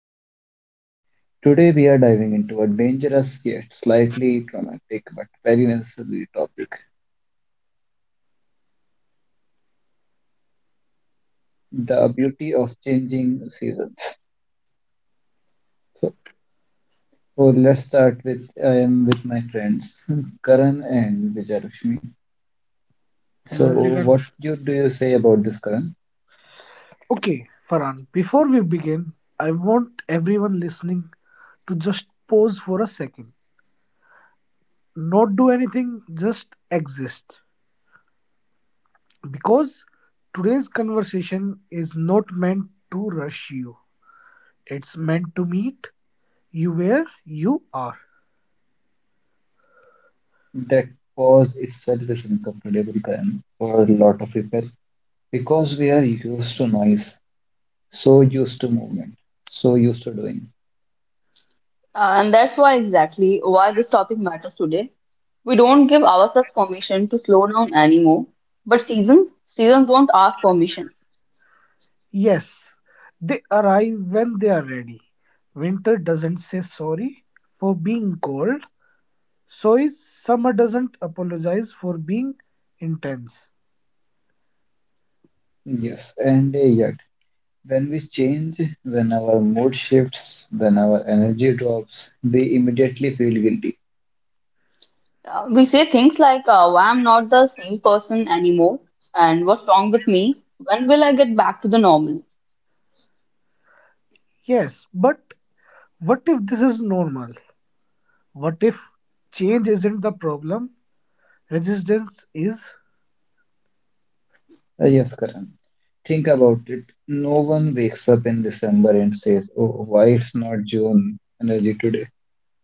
podcast. Today, we are diving into a dangerous yet slightly traumatic but very necessary topic, the beauty of changing seasons. So, so, let's start with I am with my friends Karan and Vijayalakshmi. So, Hello everyone. Do you say about this, Karan? Okay, Farhan, before we begin, I want everyone listening to just pause for a second. Not do anything, just exist. Because today's conversation is not meant to rush you, it's meant to meet you where you are. That pause itself is uncomfortable, Karan, for a lot of people because we are used to noise, so used to movement, so used to doing. And that's why exactly why this topic matters today. We don't give ourselves permission to slow down anymore. But seasons don't ask permission. Yes, they arrive when they are ready. Winter doesn't say sorry for being cold, so is summer doesn't apologize for being intense. Yes, and yet, when we change, when our mood shifts, when our energy drops, we immediately feel guilty. We say things like, why I'm not the same person anymore, and what's wrong with me? When will I get back to the normal? Yes, but what if this is normal? What if change isn't the problem? Resistance is. Yes, Karan. Think about it. No one wakes up in December and says, oh, why it's not June energy today.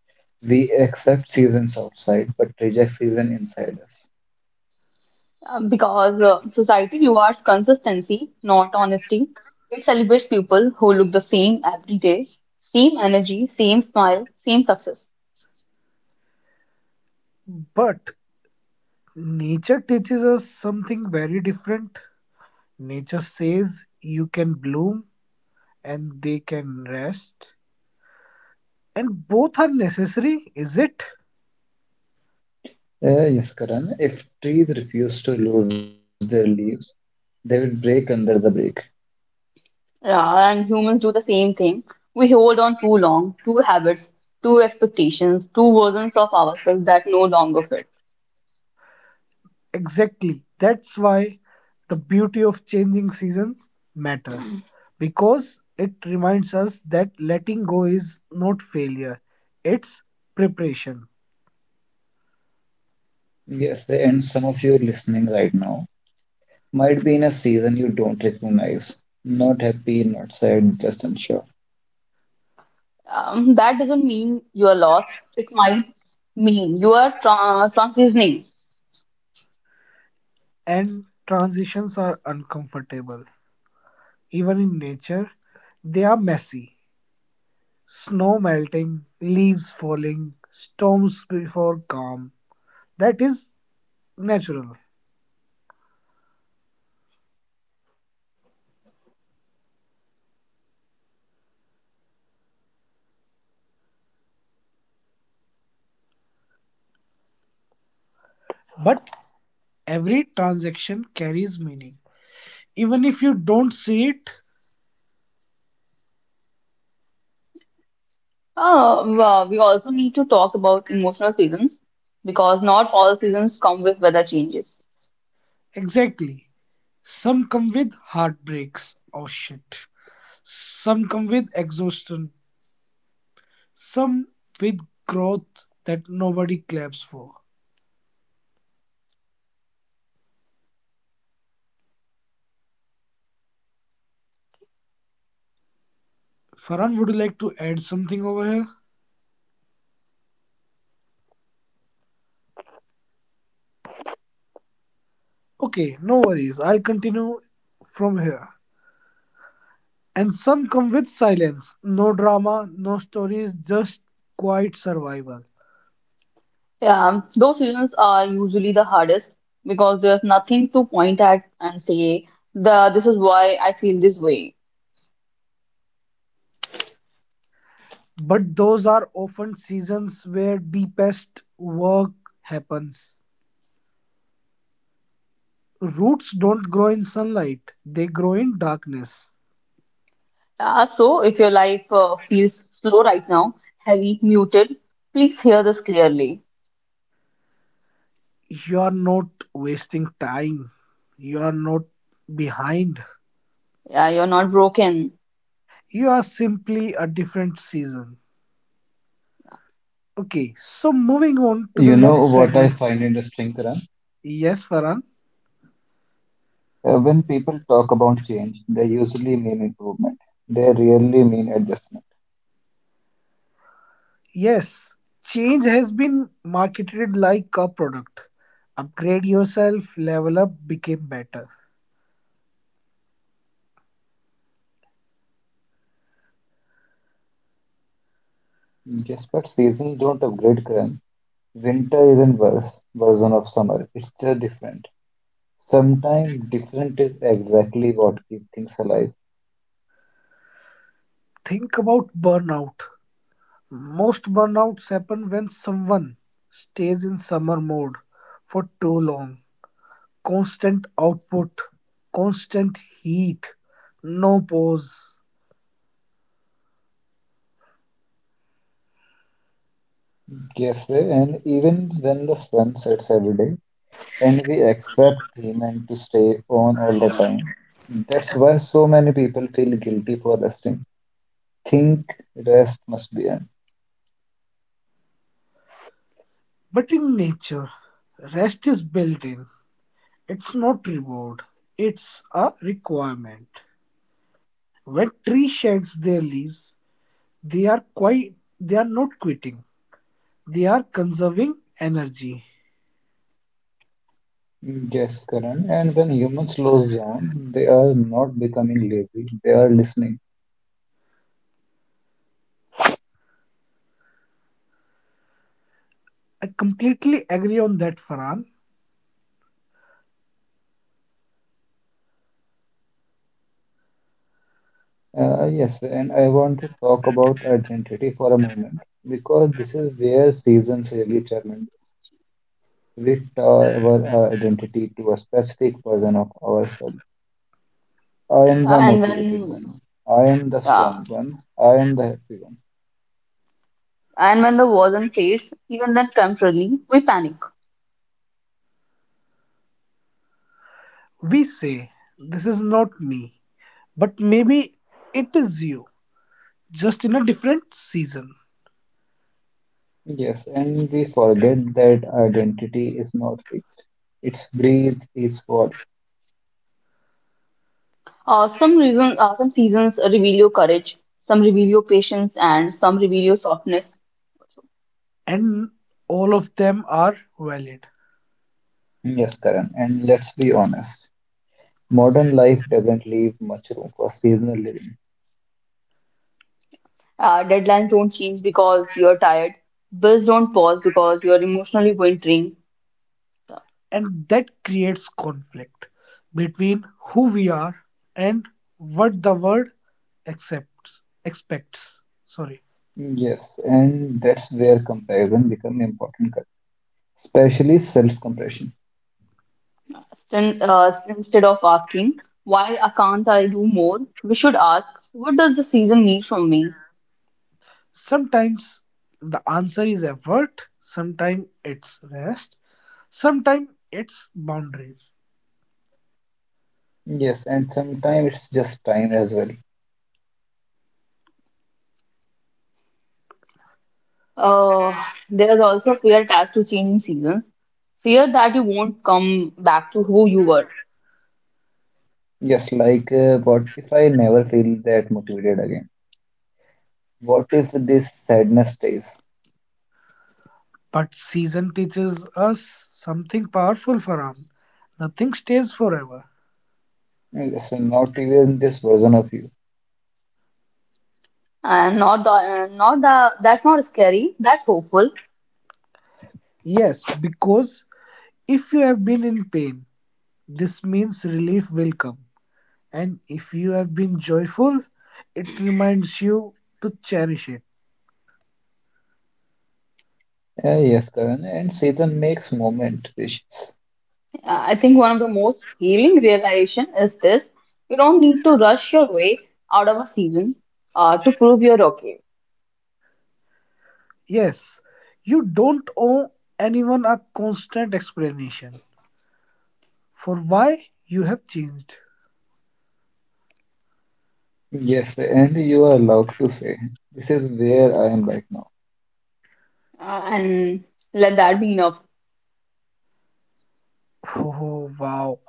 We accept seasons outside, but reject season inside us. Because society rewards consistency, not honesty. It celebrates people who look the same every day, same energy, same smile, same success. But nature teaches us something very different. Nature says you can bloom and they can rest. And both are necessary, is it? Yes, Karan. If trees refuse to lose their leaves, they will break under the break. Yeah, and humans do the same thing. We hold on too long, two habits, two expectations, two versions of ourselves that no longer fit. Exactly. That's why the beauty of changing seasons matter because it reminds us that letting go is not failure, it's preparation. Yes, and some of you are listening right now might be in a season you don't recognize. Not happy, not sad, just unsure. That doesn't mean you are lost. It might mean you are transitioning. And transitions are uncomfortable. Even in nature, they are messy. Snow melting, leaves falling, storms before calm. That is natural. But every transaction carries meaning. Even if you don't see it Well, we also need to talk about emotional seasons because not all seasons come with weather changes. exactly. Some come with heartbreaks, oh shit. Some come with exhaustion. Some with growth that nobody claps for. Farhan, would you like to add something over here? Okay, no worries. I'll continue from here. And some come with silence. No drama, no stories, just quiet survival. Yeah, those seasons are usually the hardest because there's nothing to point at and say the this is why I feel this way. But those are often seasons where deepest work happens. Roots don't grow in sunlight, they grow in darkness. So, if your life feels slow right now, heavy, muted, please hear this clearly. You are not wasting time. You are not behind. Yeah, you're not broken. You are simply a different season. Okay, so You know moving what I on to the find next interesting, segment. Karan? Yes, Farhan. When people talk about change, they usually mean improvement. They rarely mean adjustment. Yes, change has been marketed like a product. Upgrade yourself, level up, became better. Yes, but seasons don't upgrade, Karan. Winter isn't worse version of summer. It's just different. Sometimes different is exactly what keeps things alive. Think about burnout. Most burnouts happen when someone stays in summer mode for too long. Constant output, constant heat, no pause. Yes, and even when the sun sets every day, and we accept payment to stay on all the time. That's why so many people feel guilty for resting. Think rest must be earned. But in nature, rest is built in. It's not reward, it's a requirement. When tree sheds their leaves, they are not quitting. They are conserving energy. Yes, Karan. And when humans slow down, they are not becoming lazy, they are listening. I completely agree on that, Farhan. Yes, and I want to talk about identity for a moment because this is where seasons really challenge us. We tie our identity to a specific version of ourselves. I Uh, am the and motivated when, one. I am the yeah, strong one. I am the happy one. and when the wasn't fades, even then temporarily, we panic. We say this is not me, but maybe it is you, just in a different season. Yes, and we forget that identity is not fixed. It's breathe, it's evolve. Some seasons reveal your courage, some reveal your patience, and some reveal your softness. And all of them are valid, Yes, Karan. And let's be honest. Modern life doesn't leave much room for seasonal living. Deadlines don't change because you're tired. Bills don't pause because you're emotionally wintering. and that creates conflict between who we are and what the world accepts expects sorry Yes, and that's where comparison becomes important, Karan. Especially self-compression. Instead of asking, why I can't I do more, we should ask, what does the season need from me? Sometimes the answer is effort, sometimes it's rest, sometimes it's boundaries. Yes, and sometimes it's just time as well. Uh, there is also fear attached to changing seasons. Fear that you won't come back to who you were. Yes, like, what if I never feel that motivated again? What if this sadness stays? But season teaches us something powerful, Farhan. Nothing stays forever. Listen, not even this version of you. And not the, not the, That's not scary, that's hopeful. Yes, because if you have been in pain, this means relief will come, and if you have been joyful, it reminds you to cherish it. Yes, Karan, and season makes moment precious. I think one of the most healing realization is this. You don't need to rush your way out of a season to prove you're okay. Yes, you don't owe anyone a constant explanation for why you have changed. Yes, and you are allowed to say, this is where I am right now. And let that be enough. Oh, wow.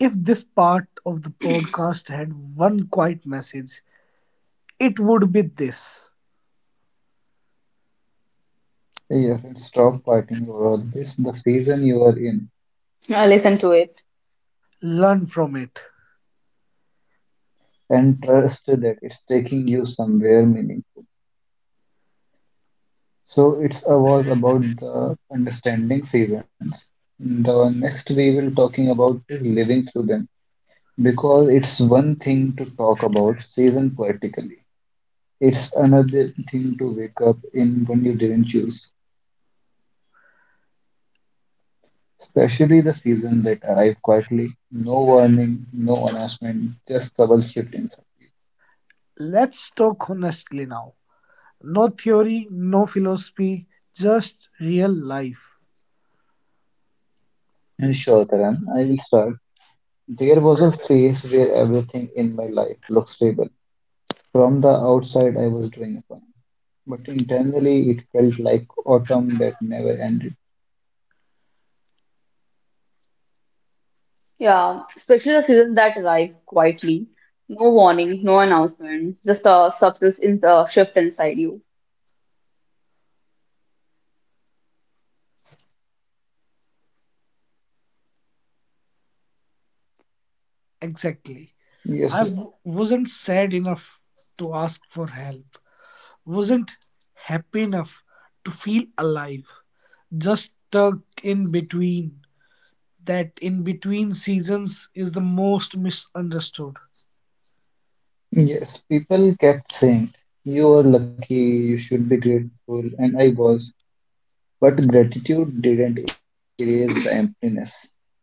If this part of the podcast had one quiet message, it would be this: Yes, and stop fighting over all this, the season you are in, Listen to it. learn from it. and trust that it's taking you somewhere meaningful. So it's was about the understanding seasons. The next we will talking about is living through them. Because it's one thing to talk about season poetically. It's another thing to wake up in when you didn't choose, especially the season that arrived quietly, no warning, no announcement, just double shift inside. Let's talk honestly now. No theory, no philosophy, just real life. And sure, Karan, I will start. There was a phase where everything in my life looked stable. From the outside, I was doing fine, but internally, it felt like autumn that never ended. Yeah, especially the seasons that arrive quietly. No warning, no announcement, just a substance in the shift inside you. Exactly. Yes, wasn't sad enough to ask for help, wasn't happy enough to feel alive, just stuck in between. That in between seasons is the most misunderstood. yes, people kept saying, you are lucky, you should be grateful, and I was. But gratitude didn't erase the emptiness.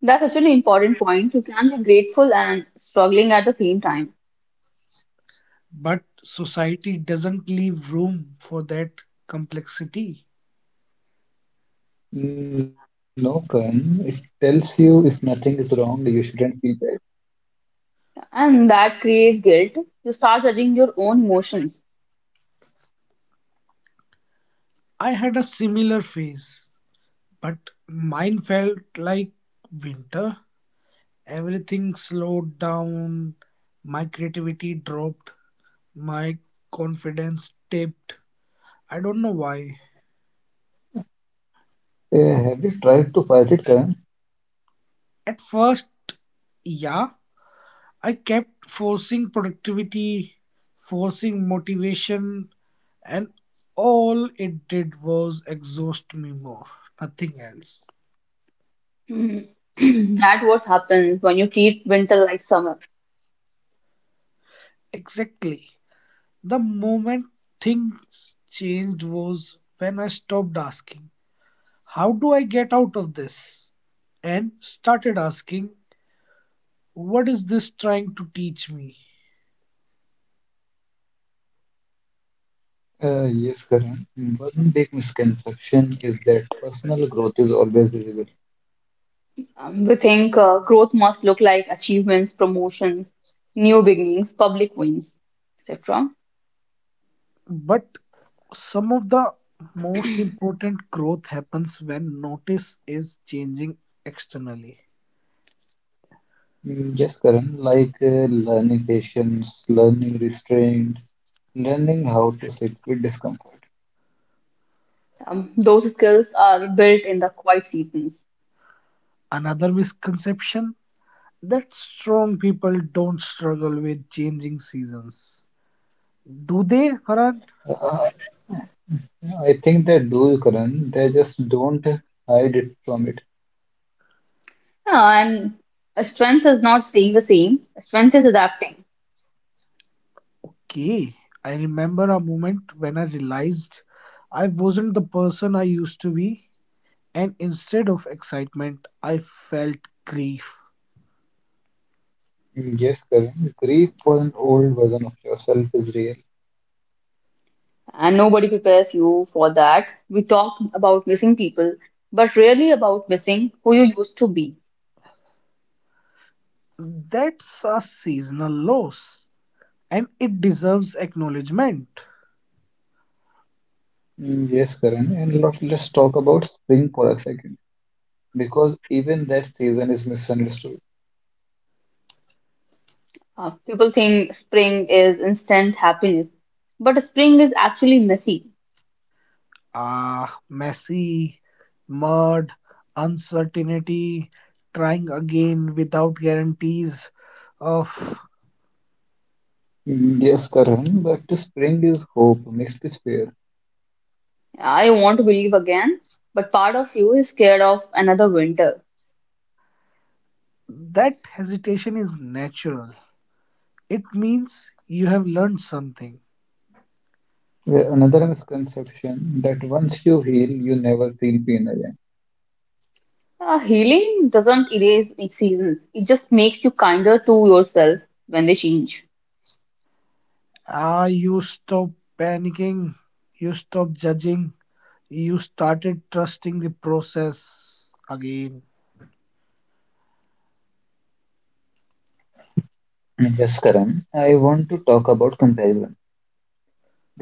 That's such an important point. You can be grateful and struggling at the same time. But society doesn't leave room for that complexity. No, Karan, it tells you if nothing is wrong, you shouldn't feel bad. And that creates guilt. You start judging your own emotions. I had a similar phase, but mine felt like winter. Everything slowed down. My creativity dropped. My confidence dipped. I don't know why. Have you tried to fight it, Karan? At first, yeah, I kept forcing productivity, forcing motivation, and all it did was exhaust me more, nothing else. Mhm. That what happens when you treat winter like summer. Exactly. The moment things changed was when I stopped asking, how do I get out of this? And started asking, what is this trying to teach me? Yes, Karan. One big misconception is that personal growth is always visible. We think growth must look like achievements, promotions, new beginnings, public wins, etc. But some of the most important growth happens when notice is changing externally. Yes Karan, like, learning patience, learning restraint, learning how to sit with discomfort. Those skills are built in the quiet seasons. Another misconception that strong people don't struggle with changing seasons. Do they, Farhan? Uh, I think they do, Karan. They just don't hide it from it. No, and strength is not staying the same. Strength is adapting, Okay, I remember a moment when I realized I wasn't the person I used to be and instead of excitement, I felt grief. Yes Karan. Grief for an old version of yourself is real. and nobody prepares you for that. We talk about missing people, but rarely about missing who you used to be. That's a seasonal loss, and it deserves acknowledgement. Yes Karan. And let's talk about spring for a second, because even that season is misunderstood. People think spring is instant happiness, but spring is actually messy. Ah, messy, mud, uncertainty, trying again without guarantees of Yes Karan. But the spring is hope mixed with fear. I want to believe again, but part of you is scared of another winter. that hesitation is natural. It means you have learned something. Where another misconception that once you heal, you never feel pain again. Healing doesn't erase its seasons, it just makes you kinder to yourself when they change. Ah, you stop panicking, you stop judging, you started trusting the process again Yes Karan. I want to talk about comparison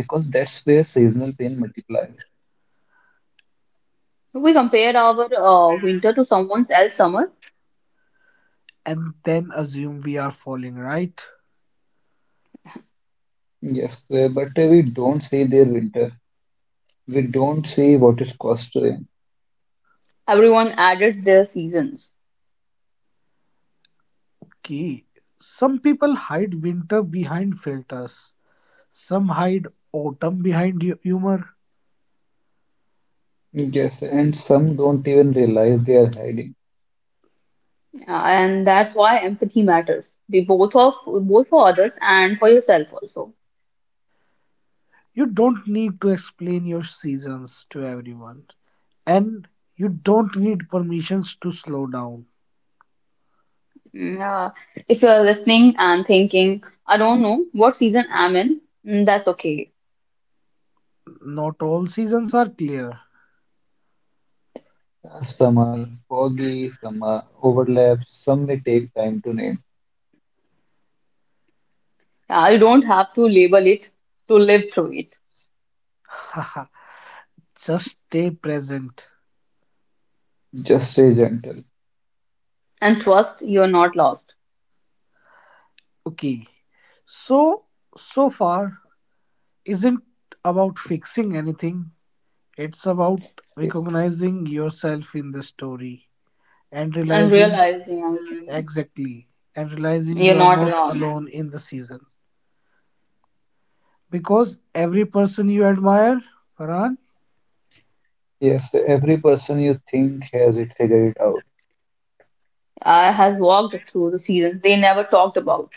because that's where seasonal pain multiplies. If we compare our winter to someone else's summer, and then assume we are falling, right? Yes, but we don't see their winter. We don't see what it costs to them. everyone adds their seasons. Key. Some people hide winter behind filters. Some hide autumn behind humor. Yes, and some don't even realize they are hiding. And that's why empathy matters. Be both of both for others and for yourself also. You don't need to explain your seasons to everyone. And you don't need permissions to slow down. Mm, uh, if you're listening and thinking, I don't know what season I'm in, mm, that's okay. Not all seasons are clear. Some are foggy, some are overlapped, some may take time to name. I don't have to label it to live through it. Just stay present. Just stay gentle. And trust you're not lost. Okay. So, so far, isn't about fixing anything, it's about recognizing yourself in the story and And realizing realizing, I think, exactly and realizing you're you are not not alone. alone in the season because every person you admire, Farhan, Yes, every person you think has it figured it out. I has walked through the seasons they never talked about.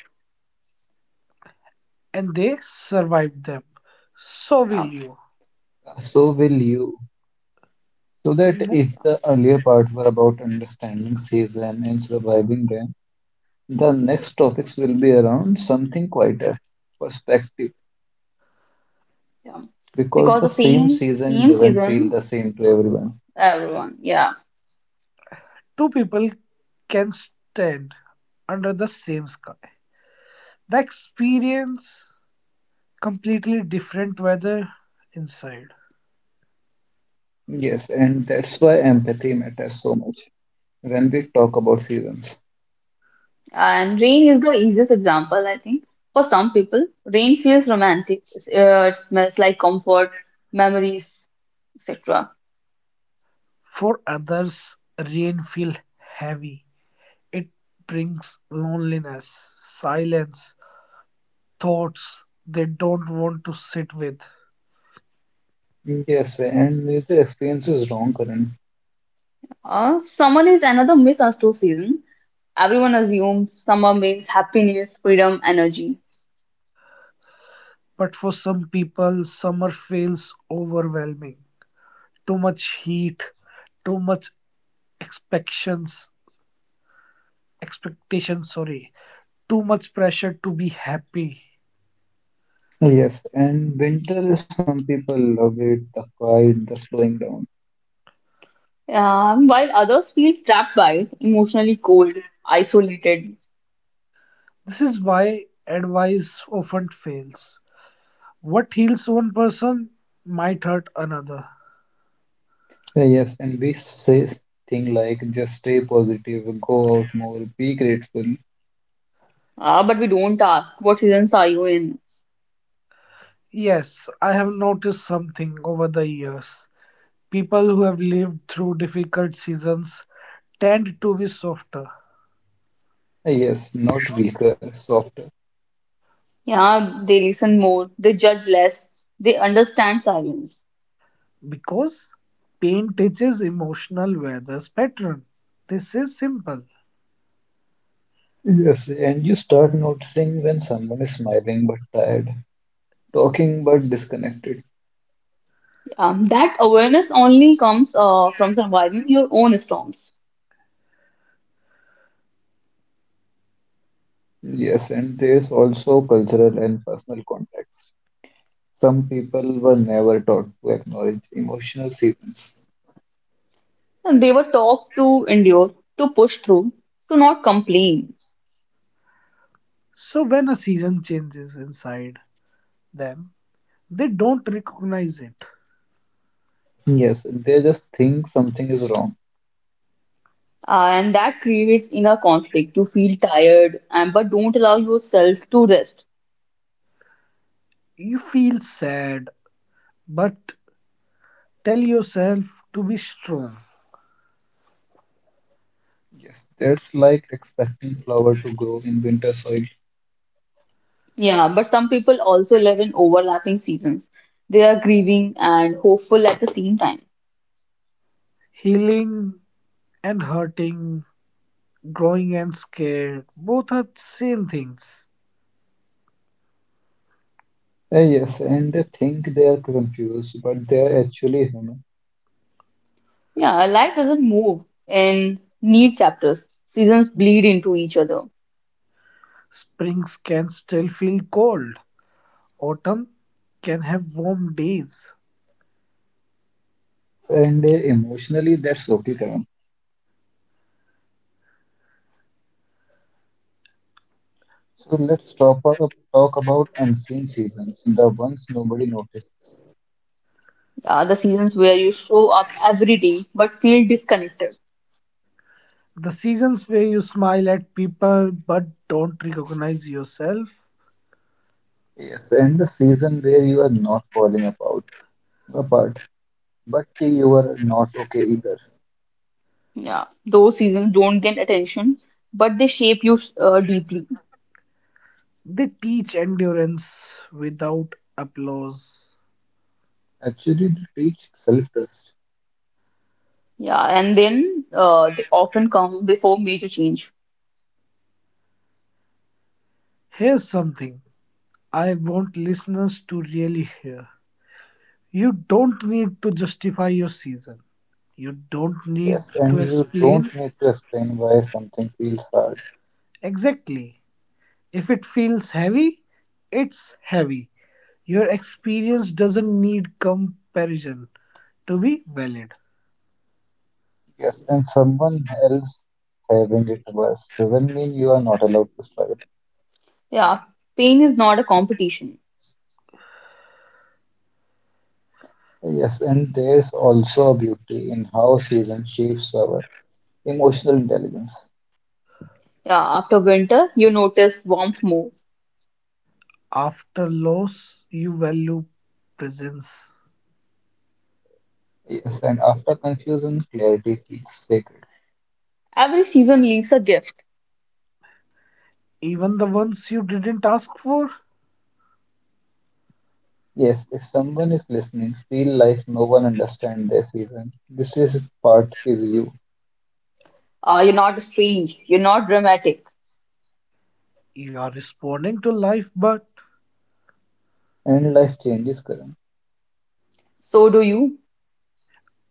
and they survived them, so will Yeah. you. So will you. So that if So, the mo- earlier Yeah. part were about understanding season and surviving them, the next topics will be around something quieter, perspective. Yeah. Because the Because same the same season doesn't same feel the same season, to everyone. everyone. Yeah. Two people can stand under the same sky. The experience completely different weather inside. Yes, and that's why empathy matters so much when we talk about seasons. And rain is the easiest example, I think. For some people, rain feels romantic. It smells like comfort, memories, etc. For others, rain feels heavy. It brings loneliness, silence, thoughts they don't want to sit with. Yes, and neither experience is wrong, Karan. Summer is another misunderstood season. Everyone assumes summer means happiness, freedom, energy. But for some people, summer feels overwhelming. Too much heat, too much expectations, expectations, sorry, too much pressure to be happy. Yes, and winter, some people love it, the quiet, the slowing down. While others feel trapped by it, emotionally cold, isolated. This is why advice often fails. What heals one person might hurt another. Yes, and we say things like just stay positive, go out more, be grateful. But we don't ask, what seasons are you in? Yes, I have noticed something over the years. People who have lived through difficult seasons tend to be softer Yes, not weaker, softer. Yeah, they listen more, they judge less, they understand silence. because pain teaches emotional weather's pattern. This is simple. Yes, and you start noticing when someone is smiling but tired, talking but disconnected. That awareness only comes from surviving your own storms. Yes, and there's also cultural and personal context. Some people were never taught to acknowledge emotional seasons. And they were taught to endure, to push through, to not complain. So when a season changes inside them, they don't recognize it. Yes, they just think something is wrong. And that creates inner conflict. You feel tired, and but don't allow yourself to rest. You feel sad, but tell yourself to be strong. Yes, that's like expecting flower to grow in winter soil. Yeah, but some people also live in overlapping seasons. They are grieving and hopeful at the same time. Healing and hurting, growing and scared, both are same things. Yes, and they think they are confused, but they are actually human. Yeah, life doesn't move in neat chapters. Seasons bleed into each other. Springs can still feel cold. Autumn can have warm days. And emotionally, that's okay, Karan. So let's talk, talk about unseen seasons, the ones nobody notices. Yeah, the seasons where you show up every day but feel disconnected. The seasons where you smile at people but don't recognize yourself. Yes, and the season where you are not falling apart. But you are not okay either. Yeah, those seasons don't get attention, but they shape you deeply. They teach endurance without applause. Actually, they teach self trust. Yeah, and then they often come before major change. Here's something I want listeners to really hear. You don't need to justify your season. You don't Yes, need and to you don't explain need to explain why something feels hard. exactly. If it feels heavy, it's heavy. Your experience doesn't need comparison to be valid. Yes, and someone else having it worse doesn't mean you are not allowed to struggle. Yeah, pain is not a competition. Yes, and there's also a beauty in how season shapes our emotional intelligence. Yeah, after winter, you notice warmth more. After loss, you value presence. Yes, and after confusion, clarity feels sacred. Every season leaves a gift. Even the ones you didn't ask for, Yes, if someone is listening, feel like no one understands their season. This is part is you, You're not strange, you're not dramatic. you are responding to life, but and life changes, Karan. So do you,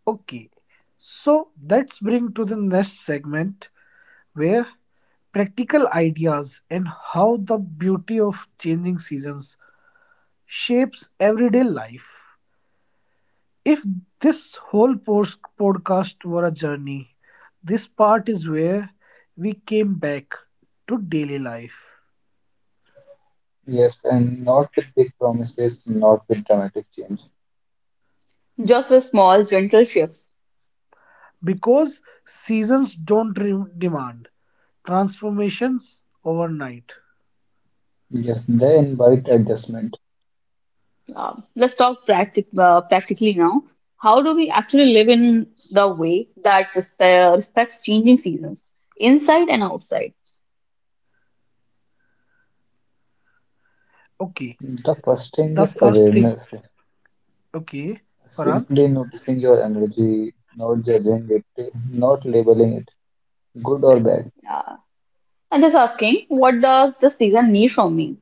okay. So let's bring to the next segment where practical ideas and how the beauty of changing seasons shapes everyday life. If this whole podcast were a journey, this part is where we came back to daily life. Yes, and not with big promises, not with dramatic change. just with small, gentle shifts. Because seasons don't demand transformations overnight. Yes, they invite adjustment. Let's talk practically now. How do we actually live in the way that respects changing seasons, inside and outside? Okay, The first thing the is first thing. awareness. Okay, Farhan, Simply noticing your energy, not judging it, not labeling it, good or bad. Uh, I'm just asking, what does the season need from me?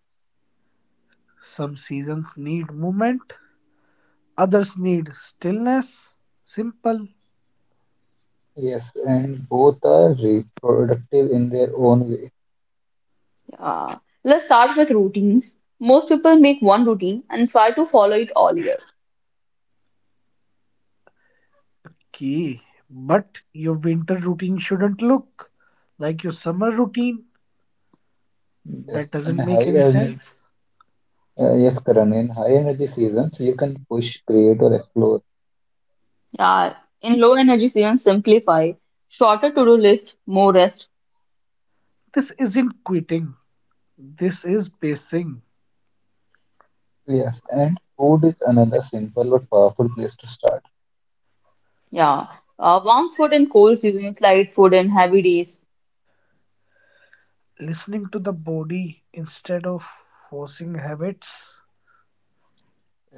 some seasons need movement, others need stillness. Simple. Yes, Yeah, and both are reproductive in their own way. Uh, let's start with routines. Most people make one routine and try to follow it all year. Okay, but your winter routine shouldn't look like your summer routine. Yes, That in doesn't make high any ener- sense. yes, Karan, in high energy seasons, you can push, create, or explore. Yeah, in low energy seasons, simplify. Shorter to-do list, more rest. This isn't quitting, this is pacing, Yes, and food is another simple but powerful place to start. Yeah, warm food and cold seasons, light food and heavy days. listening to the body instead of forcing habits.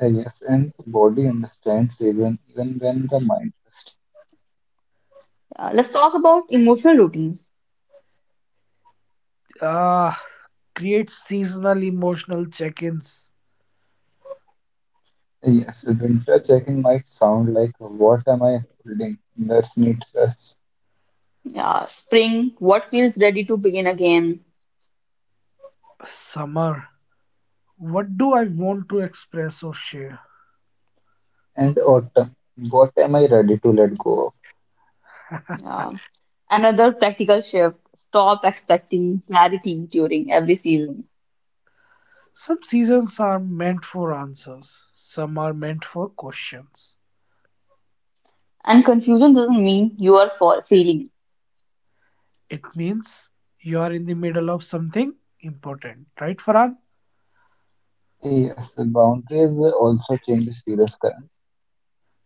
Yes and the body understands season even when the mind just. Let's talk about emotional routines. Ah, create seasonal emotional check ins. Yes winter checking might sound like what am I holding? That's needless. Yeah, spring, what feels ready to begin again? Summer. What do I want to express or share? And autumn, what am I ready to let go of? Uh, Yeah. Another practical shift. Stop expecting clarity during every season. Some seasons are meant for answers, some are meant for questions. And confusion doesn't mean you are for failing. It means you are in the middle of something important, right, Farhan? Yes, the boundaries also change with seasons, current.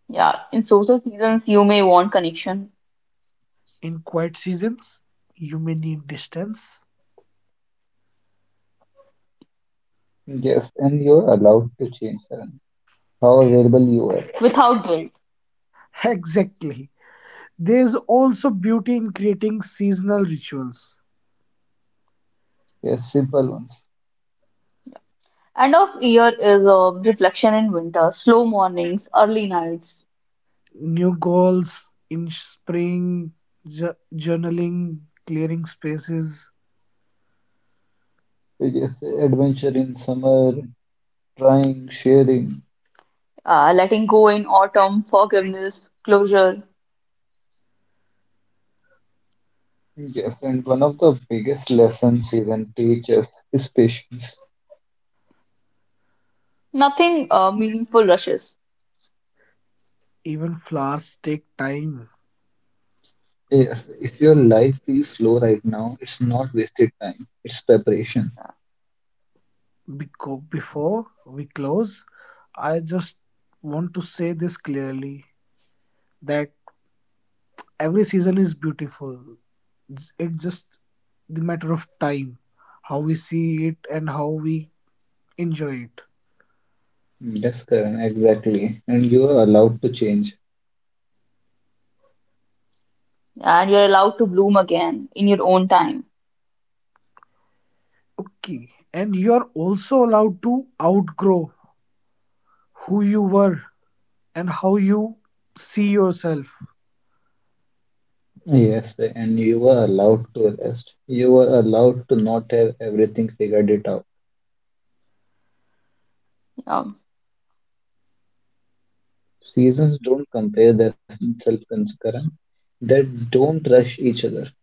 Yeah, in social seasons, you may want connection In quiet seasons, you may need distance. Yes, and you're allowed to change current. How available you are. without guilt. Exactly. There's also beauty in creating seasonal rituals, Yes, simple ones. End of year is a reflection in winter, slow mornings, early nights, new goals in spring, journaling, clearing spaces, Yes adventure in summer, trying, sharing. Letting go in autumn, forgiveness, closure. Yes, and one of the biggest lessons season teaches is patience. Nothing meaningful rushes, even flowers take time. Yes, if your life feels slow right now, it's not wasted time, it's preparation. Before we close, I just want to say this clearly that every season is beautiful. It's it just the matter of time, how we see it and how we enjoy it. Yes, Karan, exactly. And you are allowed to change. and you're allowed to bloom again in your own time. Okay. And you're also allowed to outgrow who you were and how you see yourself. Yes, and you are allowed to rest. You are allowed to not have everything figured it out. Yeah. Seasons don't compare themselves, Karan. They don't rush each other.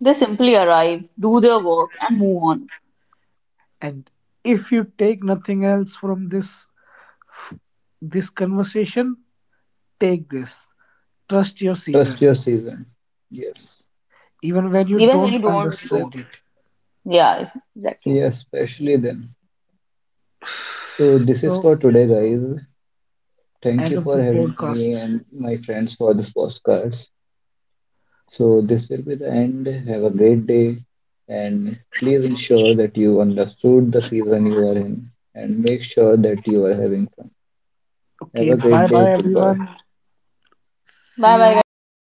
They simply arrive, do their work, and move on. And if you take nothing else from this conversation, take this. Trust your season. Trust your season. Yes, Even when you Even when don't you don't, understand don't. it. Yeah, exactly. yes, especially then. So this So is for today, guys. end Thank of you the for having podcast. me and my friends for this postcards. So this will be the end. Have a great day and please ensure that you understood the season you are in and make sure that you are having fun. Okay, Have a bye great bye day. everyone. Goodbye. See Bye you bye, guys. next